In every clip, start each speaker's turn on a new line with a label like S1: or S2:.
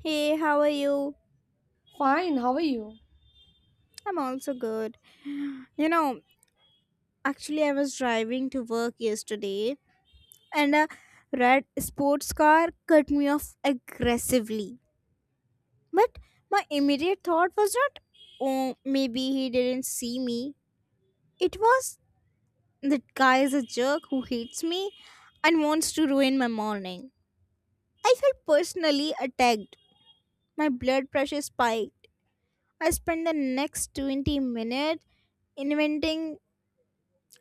S1: Hey, how are you?
S2: Fine, how are you?
S1: I'm also good. You know, actually, I was driving to work yesterday and a red sports car cut me off aggressively. But my immediate thought was not, oh, maybe he didn't see me. It was, that guy is a jerk who hates me and wants to ruin my morning. I felt personally attacked. My blood pressure spiked. I spent the next 20 minutes inventing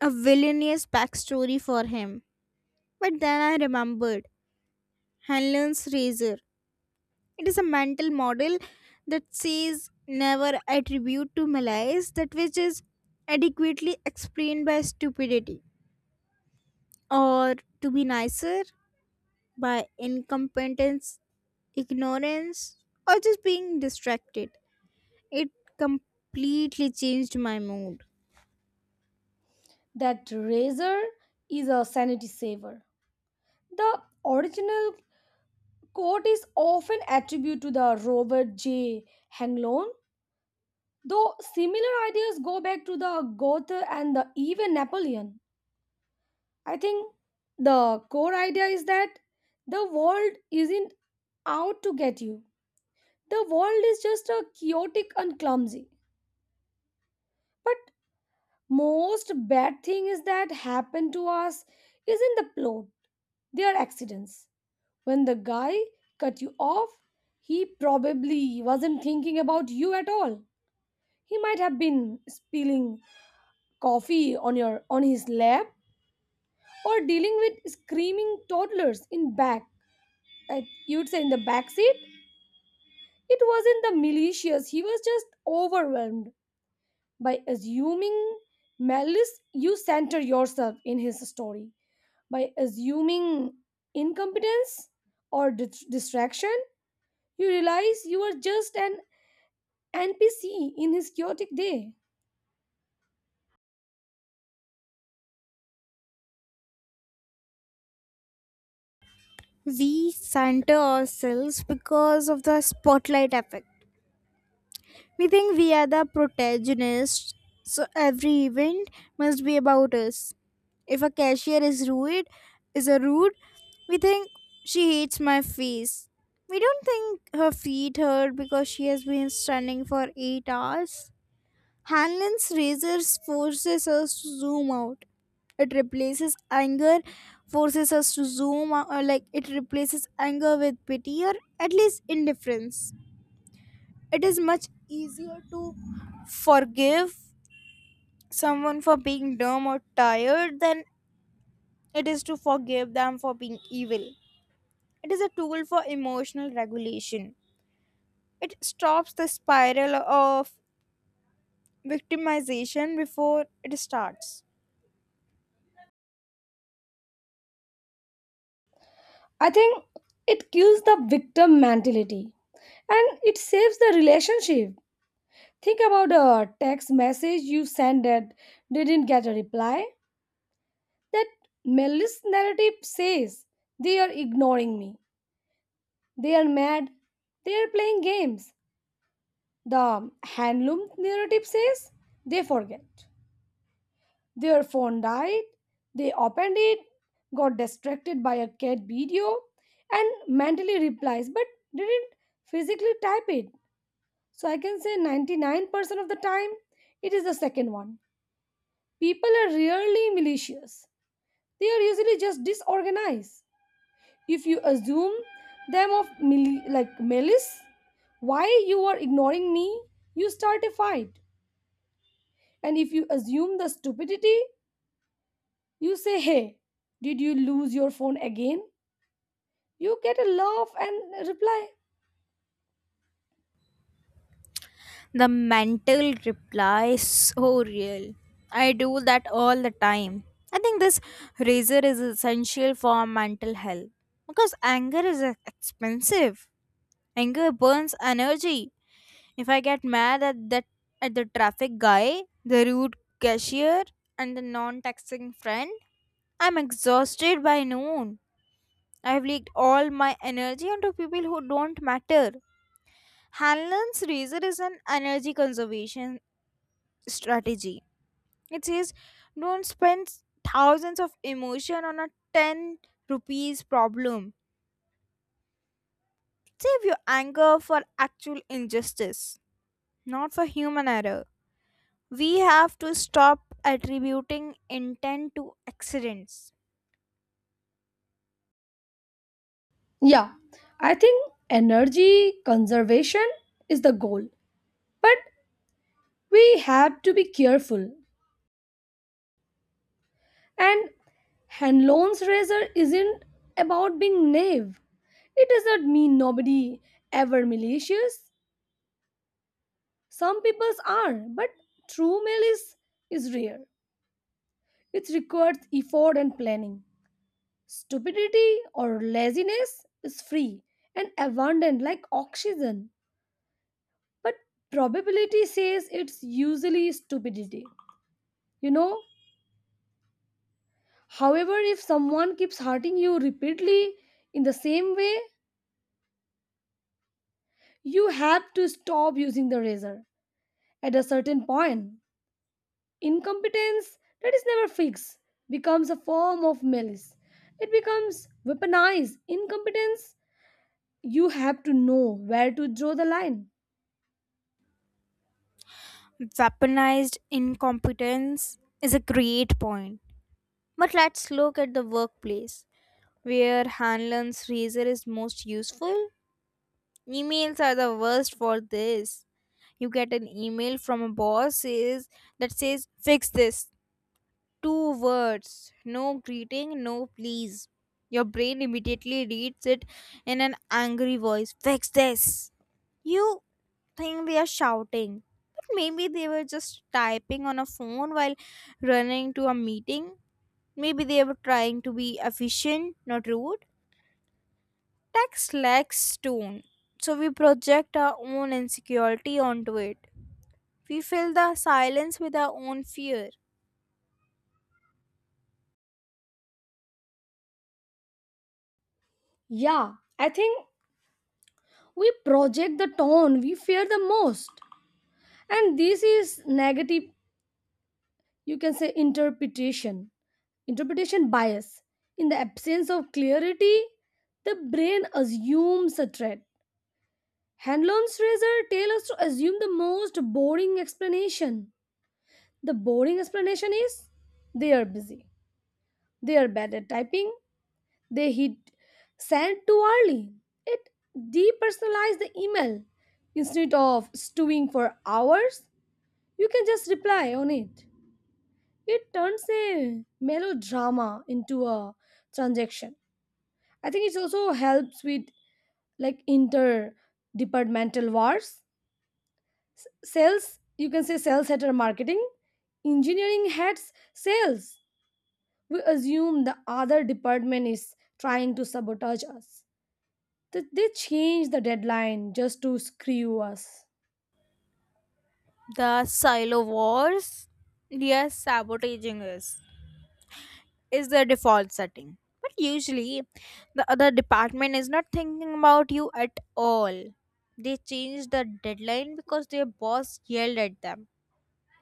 S1: a villainous backstory for him. But then I remembered Hanlon's razor. It is a mental model that says never attribute to malice that which is adequately explained by stupidity, or to be nicer, by incompetence, ignorance, or just being distracted. It completely changed my mood.
S2: That razor is a sanity saver. The original quote is often attributed to the Robert J. Hanglon, though similar ideas go back to the Goethe and the even Napoleon. I think the core idea is that the world isn't out to get you. The world is just a chaotic and clumsy. But most bad thing is that happen to us isn't the plot. They are accidents. When the guy cut you off, he probably wasn't thinking about you at all. He might have been spilling coffee on your on his lap or dealing with screaming toddlers in back at you'd say in the back seat. It wasn't the malicious, he was just overwhelmed by assuming malice you center yourself in his story. By assuming incompetence or distraction, you realize you are just an NPC in his chaotic day.
S1: We center ourselves because of the spotlight effect. We think we are the protagonists, so every event must be about us. If a cashier is rude, is a rude, we think she hates my face. We don't think her feet hurt because she has been standing for 8 hours. Hanlon's razor forces us to zoom out. It replaces anger, forces us to zoom out, like it replaces anger with pity or at least indifference. It is much easier to forgive someone for being dumb or tired than it is to forgive them for being evil. It is a tool for emotional regulation. It stops the spiral of victimization before it starts.
S2: I think it kills the victim mentality and it saves the relationship. Think about a text message you sent that didn't get a reply. That malice narrative says they are ignoring me, they are mad, they are playing games. The handloom narrative says they forget. Their phone died, they opened it, got distracted by a cat video, and mentally replies but didn't physically type it. So I can say 99% of the time it is the second one. People are rarely malicious, they are usually just disorganized. If you assume them of malice, why you are ignoring me, you start a fight. And if you assume the stupidity, you say, hey, did you lose your phone again? You get a laugh and reply.
S1: The mental reply is so real. I do that all the time. I think this razor is essential for mental health because anger is expensive. Anger burns energy. If I get mad at that at the traffic guy, the rude cashier, and the non-texting friend, I'm exhausted by noon. I've leaked all my energy onto people who don't matter. Hanlon's razor is an energy conservation strategy. It says don't spend thousands of emotion on a 10 rupees problem. Save your anger for actual injustice, not for human error. We have to stop attributing intent to accidents.
S2: Yeah, I think energy conservation is the goal. But we have to be careful. And hand loans razor isn't about being naive. It does not mean nobody ever malicious. Some people are, but true malice is rare. It requires effort and planning. Stupidity or laziness is free and abundant like oxygen, but probability says it's usually stupidity. You know, however, if someone keeps hurting you repeatedly in the same way, you have to stop using the razor at a certain point. Incompetence that is never fixed becomes a form of malice. It becomes weaponized. Incompetence, you have to know where to draw the line.
S1: Weaponized incompetence is a great point. But let's look at the workplace, where Hanlon's razor is most useful. Emails are the worst for this. You get an email from a boss says that says fix this. Two words, no greeting, no please. Your brain immediately reads it in an angry voice: Fix this! You think they are shouting, but maybe they were just typing on a phone while running to a meeting. Maybe they were trying to be efficient, not rude. Text lacks tone, so we project our own insecurity onto it. We fill the silence with our own fear.
S2: Yeah, I think we project the tone we fear the most, and this is negative, you can say, interpretation bias. In the absence of clarity, the brain assumes a threat. Handlon's razor tells us to assume the most boring explanation. The boring explanation is they are busy. They are bad at typing. They hit send too early. It depersonalized the email. Instead of stewing for hours, you can just reply on it. It turns a melodrama into a transaction. I think it also helps with like interdepartmental wars. Sales, you can say sales head or marketing, engineering heads, sales. We assume the other department is trying to sabotage us. They change the deadline just to screw us.
S1: The silo wars, yes, sabotaging is the default setting, but usually the other department is not thinking about you at all. They changed the deadline because their boss yelled at them,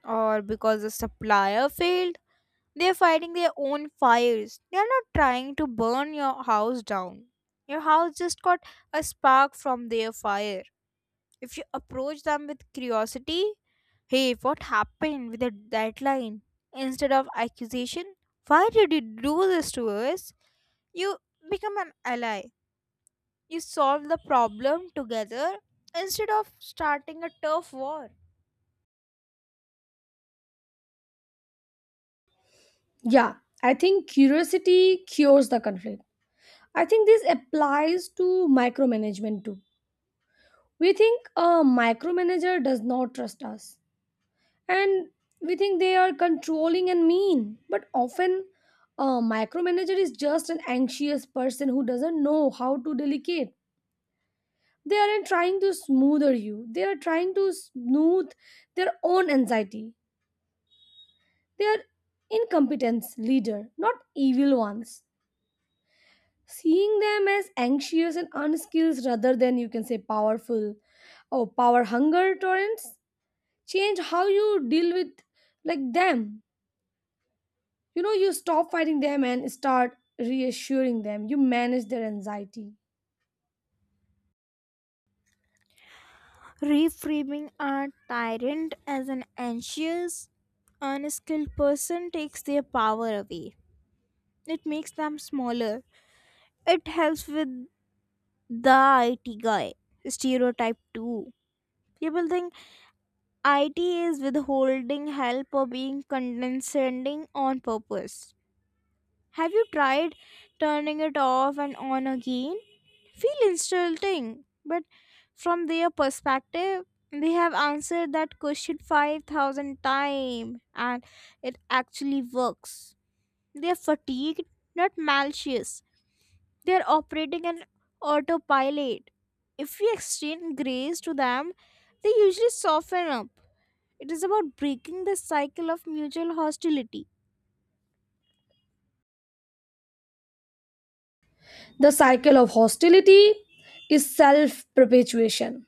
S1: or because the supplier failed. They're fighting their own fires. They're not trying to burn your house down. Your house just got a spark from their fire. If you approach them with curiosity, hey, what happened with the deadline? Instead of accusation, why did you do this to us? You become an ally. You solve the problem together instead of starting a turf war.
S2: Yeah, I think curiosity cures the conflict. I think this applies to micromanagement too. We think a micromanager does not trust us, and we think they are controlling and mean. But often, a micromanager is just an anxious person who doesn't know how to delegate. They aren't trying to smoother you, they are trying to smooth their own anxiety. They are incompetence leader, not evil ones. Seeing them as anxious and unskilled rather than, you can say, powerful or power hunger torrents change how you deal with like them. You know, you stop fighting them and start reassuring them, you manage their anxiety.
S1: Reframing a tyrant as an anxious, unskilled person takes their power away. It makes them smaller. It helps with the IT guy stereotype too. People think IT is withholding help or being condescending on purpose. Have you tried turning it off and on again? Feel insulting, but from their perspective, they have answered that question 5,000 times and it actually works. They are fatigued, not malicious. They are operating an autopilot. If we extend grace to them, they usually soften up. It is about breaking the cycle of mutual hostility.
S2: The cycle of hostility is self perpetuation.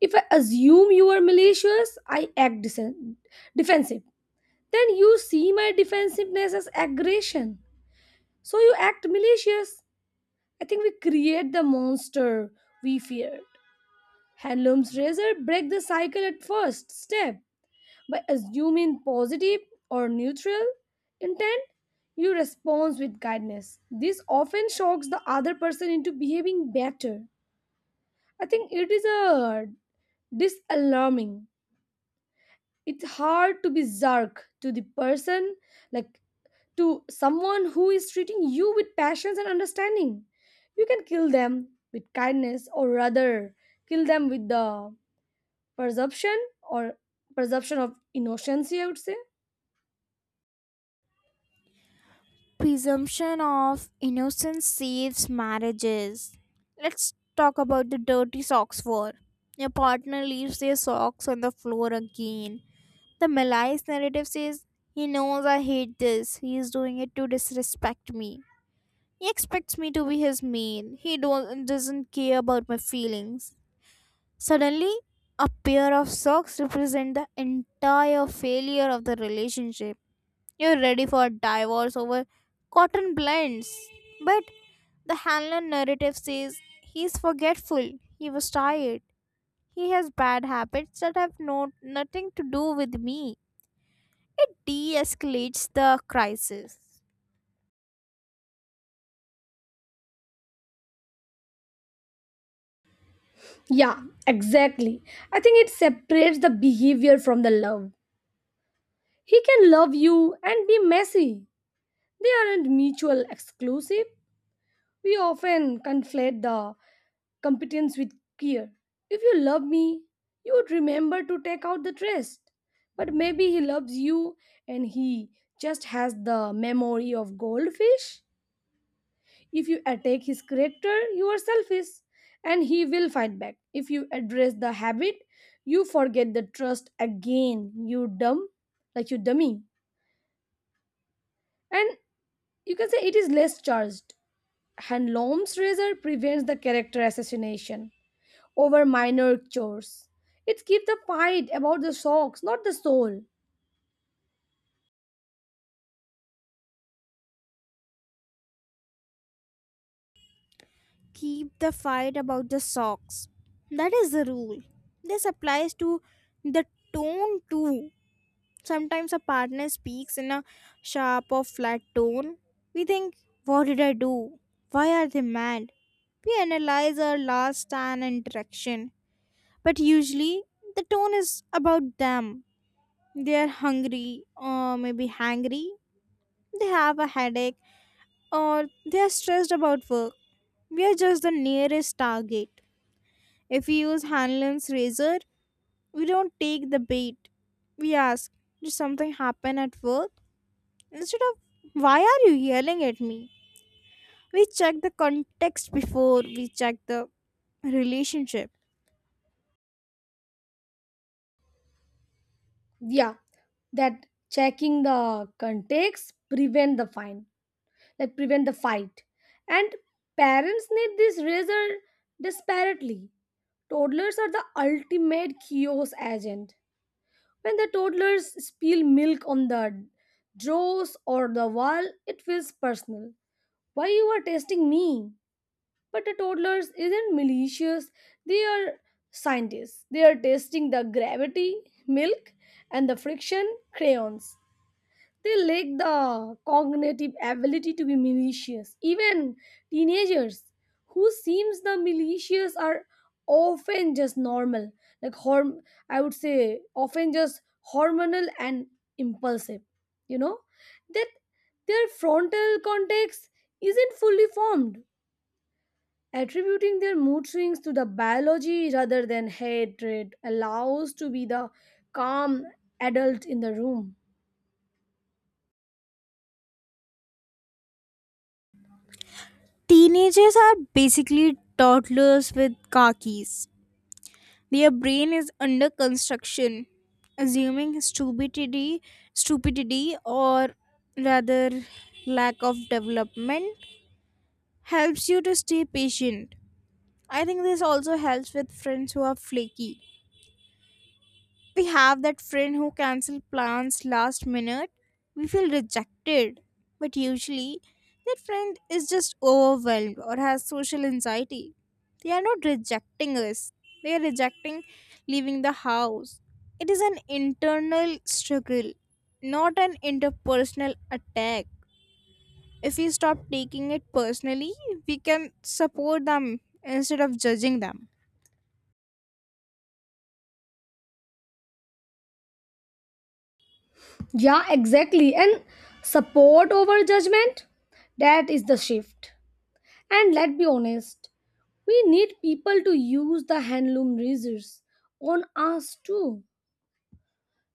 S2: If I assume you are malicious, I act defensive, then you see my defensiveness as aggression, so you act malicious. I think we create the monster we feared. Handloom's razor break the cycle at first step by assuming positive or neutral intent. You respond with kindness. This often shocks the other person into behaving better. I think it is a disalarming. It's hard to be zark to the person, like to someone who is treating you with passion and understanding. You can kill them with kindness, or rather, kill them with the presumption or presumption of innocence, I would say.
S1: Presumption of innocence saves marriages. Let's talk about the dirty socks war. Your partner leaves their socks on the floor again. The malaise narrative says, he knows I hate this. He is doing it to disrespect me. He expects me to be his maid. He don't, doesn't care about my feelings. Suddenly, a pair of socks represent the entire failure of the relationship. You're ready for a divorce over cotton blends. But the Hanlon narrative says he's forgetful, he was tired, he has bad habits that have nothing to do with me. It de escalates the crisis.
S2: Yeah, exactly. I think it separates the behavior from the love. He can love you and be messy. They aren't mutual exclusive. We often conflate the competence with care. If you love me, you would remember to take out the trash. But maybe he loves you and he just has the memory of goldfish. If you attack his character, you are selfish and he will fight back. If you address the habit, you forget the trust again. You dumb, like you dummy. And you can say it is less charged. Handlom's razor prevents the character assassination over minor chores. It keeps the fight about the socks, not the soul.
S1: Keep the fight about the socks. That is the rule. This applies to the tone too. Sometimes a partner speaks in a sharp or flat tone. We think, what did I do? Why are they mad? We analyze our last and interaction, but usually the tone is about them. They are hungry, or maybe hangry, they have a headache, or they are stressed about work. We are just the nearest target. If we use Hanlon's razor, we don't take the bait. We ask, did something happen at work? Instead of, why are you yelling at me? We check the context before we check the relationship.
S2: Yeah, that checking the context prevent the fine, like prevent the fight. And parents need this razor desperately. Toddlers are the ultimate chaos agent. When the toddlers spill milk on the drawers or the wall, it feels personal. Why you are testing me? But the toddlers isn't malicious, they are scientists. They are testing the gravity, milk, and the friction, crayons. They lack the cognitive ability to be malicious. Even teenagers who seems the malicious are often just normal. Like horm I would say often just hormonal and impulsive. You know? That their frontal cortex isn't fully formed. Attributing their mood swings to the biology rather than hatred allows to be the calm adult in the room.
S1: Teenagers are basically toddlers with khakis. Their brain is under construction, assuming stupidity, or rather lack of development, helps you to stay patient. I think this also helps with friends who are flaky. We have that friend who cancels plans last minute, we feel rejected, but usually that friend is just overwhelmed or has social anxiety. They are not rejecting us, they are rejecting leaving the house. It is an internal struggle, not an interpersonal attack. If we stop taking it personally, we can support them instead of judging them.
S2: Yeah, exactly. And support over judgment, that is the shift. And let's be honest, we need people to use the handloom razors on us too.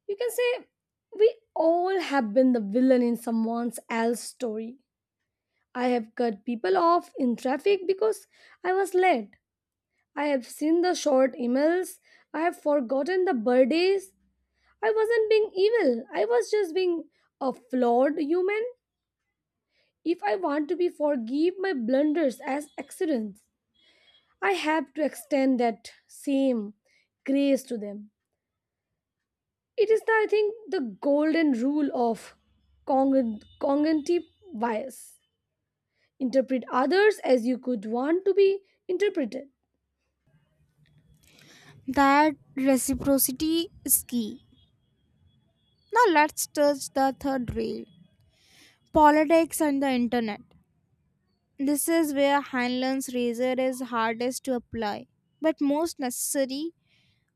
S2: You can say we all have been the villain in someone else's story. I have cut people off in traffic because I was late. I have seen the short emails. I have forgotten the birthdays. I wasn't being evil. I was just being a flawed human. If I want to be forgive my blunders as accidents, I have to extend that same grace to them. It is, the, I think, the golden rule of cognitive bias. Interpret others as you could want to be interpreted.
S1: That reciprocity is key. Now let's touch the third rail, politics and the internet. This is where Hanlon's razor is hardest to apply, but most necessary.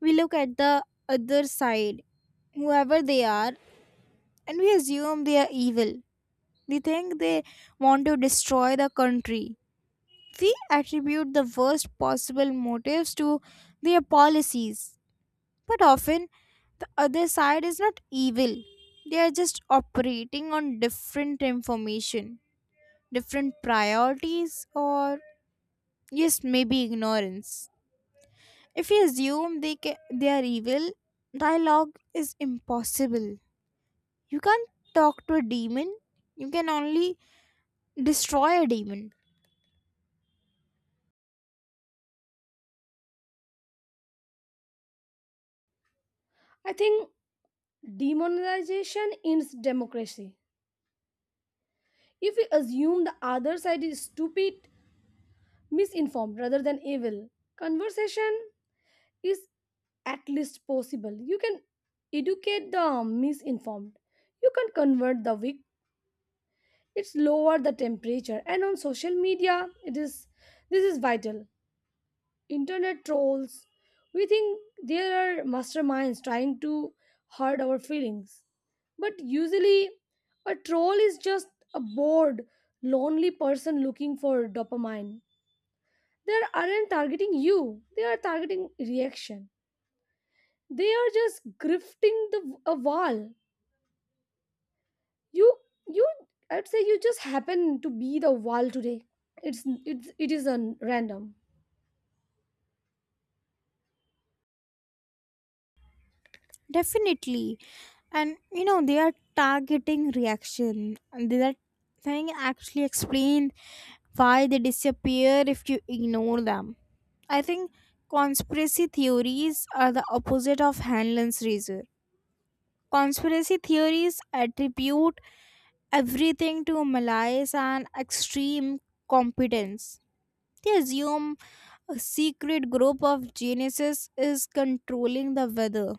S1: We look at the other side, whoever they are, and we assume they are evil. We think they want to destroy the country. We attribute the worst possible motives to their policies, but often the other side is not evil. They are just operating on different information, different priorities, or yes, maybe ignorance. If we assume they are evil, dialogue is impossible. You can't talk to a demon, you can only destroy a demon.
S2: I think demonization ends democracy. If we assume the other side is stupid, misinformed rather than evil, conversation is at least possible. You can educate the misinformed. You can convert the weak. It's lower the temperature, and on social media it is, this is vital. Internet trolls. We think there are masterminds trying to hurt our feelings. But usually a troll is just a bored lonely person looking for dopamine. They aren't targeting you. They are targeting reaction. They are just grifting the a wall. You you, I'd say you just happen to be the wall today. It's it is a random.
S1: Definitely. And they are targeting reaction, and that thing actually explained why they disappear if you ignore them. I think conspiracy theories are the opposite of Hanlon's razor. Conspiracy theories attribute everything to malice and extreme competence. They assume a secret group of geniuses is controlling the weather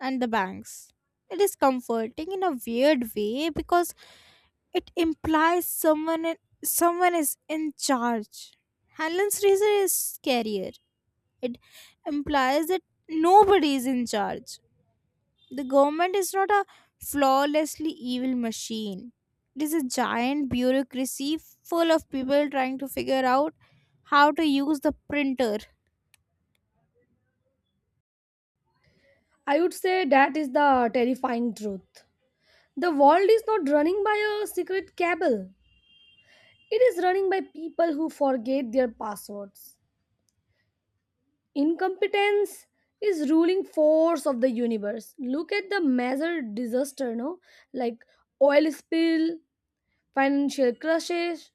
S1: and the banks. It is comforting in a weird way because it implies someone is in charge. Hanlon's razor is scarier. It implies that nobody is in charge. The government is not a flawlessly evil machine. It is a giant bureaucracy full of people trying to figure out how to use the printer.
S2: I would say that is the terrifying truth. The world is not running by a secret cable. It is running by people who forget their passwords. Incompetence is ruling force of the universe. Look at the major disaster, no, like oil spill, financial crashes.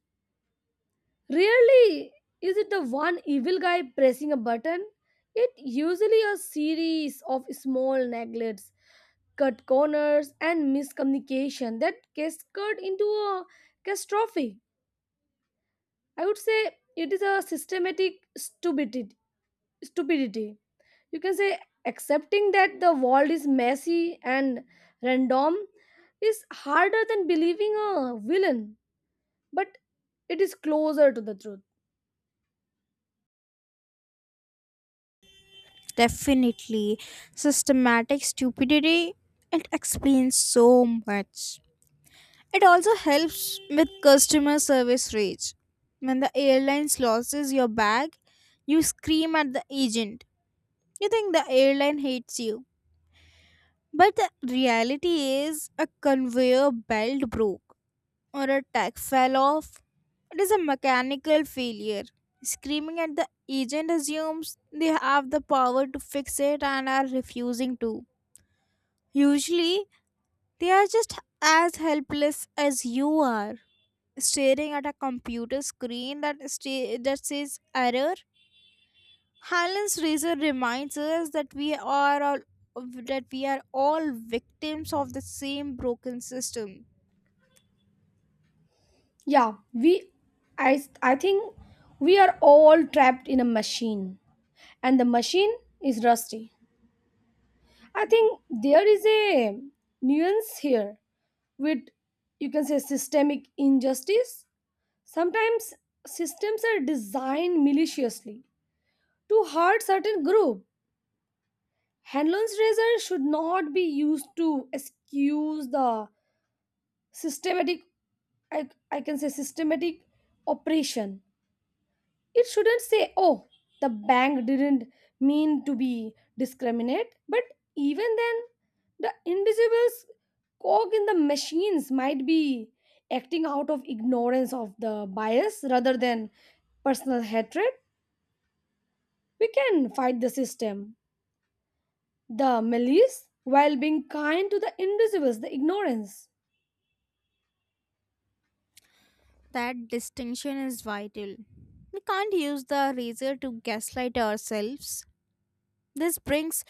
S2: Rarely is it the one evil guy pressing a button. It usually a series of small neglects, cut corners and miscommunication that cascade into a catastrophe. I would say it is a systematic stupidity, you can say. Accepting that the world is messy and random is harder than believing a villain, but it is closer to the truth.
S1: Definitely, systematic stupidity. It explains so much. It also helps with customer service rage. When the airline loses your bag, you scream at the agent. You think the airline hates you. But the reality is, a conveyor belt broke or a tag fell off. It is a mechanical failure. Screaming at the agent assumes they have the power to fix it and are refusing to. Usually, they are just as helpless as you are, staring at a computer screen that, that says error. Highland's razor reminds us that we are all victims of the same broken system.
S2: Yeah, we I I think we are all trapped in a machine, and the machine is rusty. I think there is a nuance here with, you can say, systemic injustice. Sometimes systems are designed maliciously to hurt certain group. Handloans razor should not be used to excuse the systematic, I can say systematic oppression. It shouldn't say, oh, the bank didn't mean to be discriminate, but even then the invisible cog in the machines might be acting out of ignorance of the bias rather than personal hatred. We can fight the system, the malice, while being kind to the invisibles, the ignorance.
S1: That distinction is vital. We can't use the razor to gaslight ourselves. This brings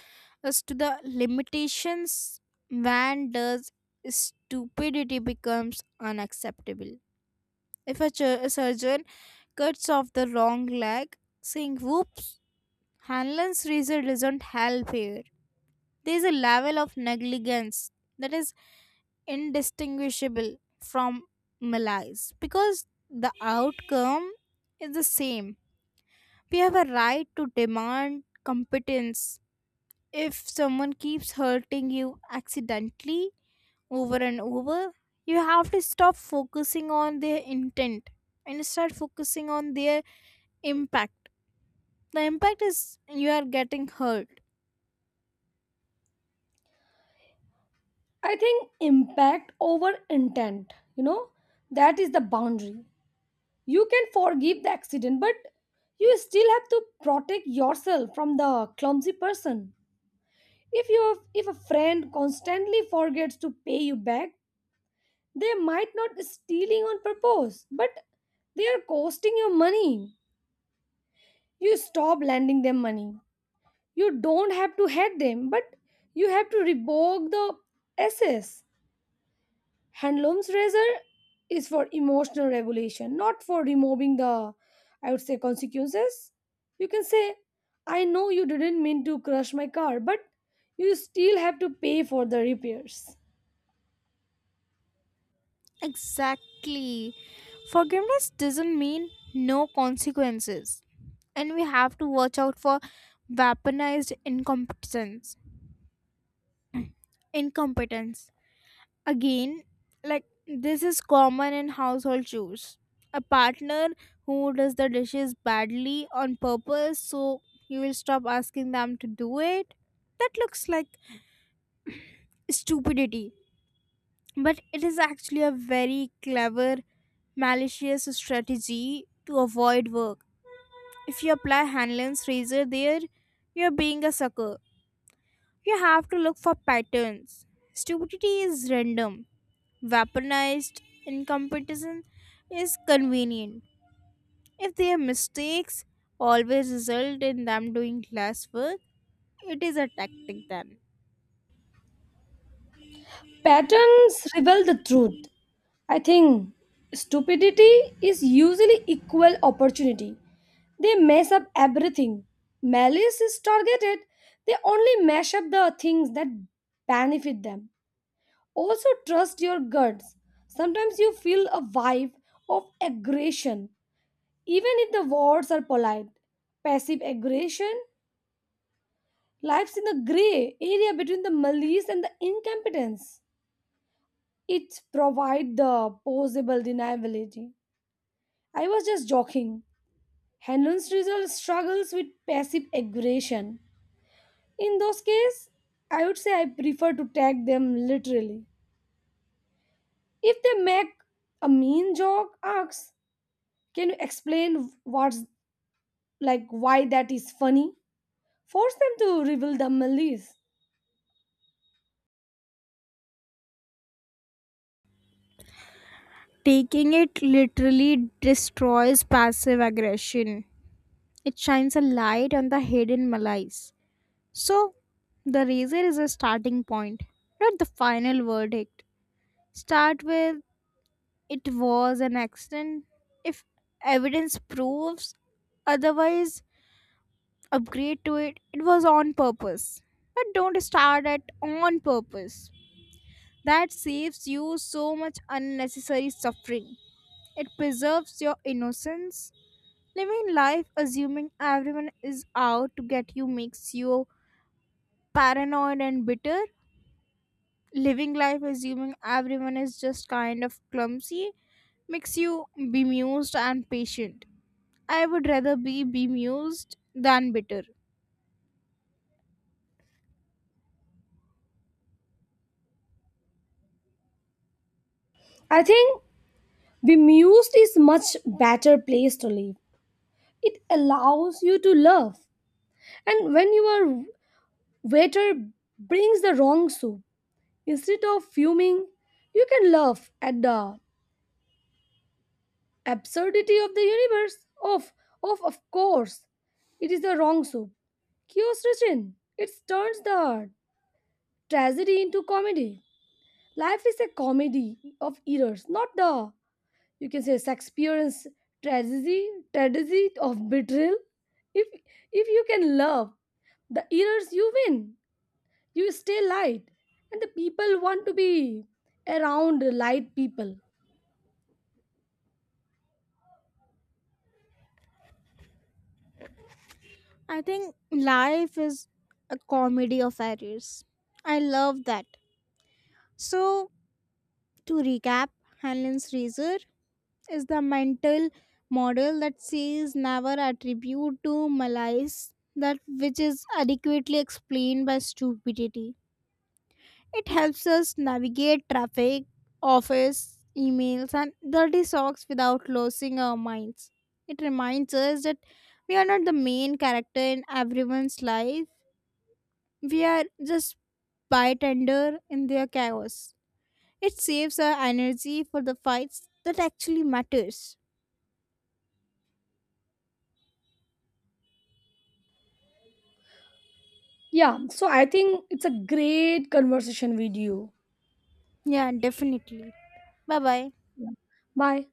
S1: us to the limitations. When does stupidity becomes unacceptable? If a surgeon cuts off the wrong leg, saying "Whoops," Hanlon's razor doesn't help here. There is a level of negligence that is indistinguishable from malice because the outcome is the same. We have a right to demand competence. If someone keeps hurting you accidentally over and over, you have to stop focusing on their intent and start focusing on their impact. The impact is you are getting hurt.
S2: I think impact over intent, you know, that is the boundary. You can forgive the accident, but you still have to protect yourself from the clumsy person. If a friend constantly forgets to pay you back, they might not stealing on purpose, but they are costing you money. You stop lending them money. You don't have to hate them, but you have to revoke the SS. Handloom's razor is for emotional regulation, not for removing the, I would say, consequences. You can say, I know you didn't mean to crush my car, but you still have to pay for the repairs.
S1: Exactly. Forgiveness doesn't mean no consequences. And we have to watch out for weaponized incompetence. Incompetence. Again, like this is common in household chores. A partner who does the dishes badly on purpose so you will stop asking them to do it. That looks like stupidity. But it is actually a very clever, malicious strategy to avoid work. If you apply Hanlon's razor there, you're being a sucker. You have to look for patterns. Stupidity is random, weaponized, incompetence is convenient. If their mistakes always result in them doing less work, it is a tactic then.
S2: Patterns reveal the truth. I think stupidity is usually equal opportunity. They mess up everything. Malice is targeted. They only mash up the things that benefit them. Also, trust your guts. Sometimes you feel a vibe of aggression, even if the words are polite. Passive aggression lies in the gray area between the malice and the incompetence. It provides the possible deniability. I was just joking. Henlon's result struggles with passive aggression. In those cases, I would say I prefer to tag them literally. If they make a mean joke, ask, can you explain what's like why that is funny? Force them to reveal the malice.
S1: Taking it literally destroys passive aggression. It shines a light on the hidden malice. So, the razor is a starting point, not the final verdict. Start with, it was an accident. If evidence proves otherwise, upgrade to it. It was on purpose. But don't start at on purpose. That saves you so much unnecessary suffering. It preserves your innocence. Living life assuming everyone is out to get you makes you paranoid and bitter. Living life assuming everyone is just kind of clumsy makes you bemused and patient. I would rather be bemused than bitter.
S2: I think bemused is much better place to live. It allows you to love. And when your waiter brings the wrong soup, instead of fuming, you can laugh at the absurdity of the universe? Of course. It is the wrong soup. Kyosushin. It turns the tragedy into comedy. Life is a comedy of errors, not the, you can say, Shakespearean's tragedy of betrayal. If, if you can love the errors, you win. You stay light. And the people want to be around light people.
S1: I think life is a comedy of errors. I love that. So, to recap, Hanlon's razor is the mental model that says never attribute to malice that which is adequately explained by stupidity. It helps us navigate traffic, office, emails, and dirty socks without losing our minds. It reminds us that we are not the main character in everyone's life, we are just bystander in their chaos. It saves our energy for the fights that actually matters.
S2: Yeah, so I think it's a great conversation with you.
S1: Yeah, definitely. Bye bye.
S2: Yeah. Bye.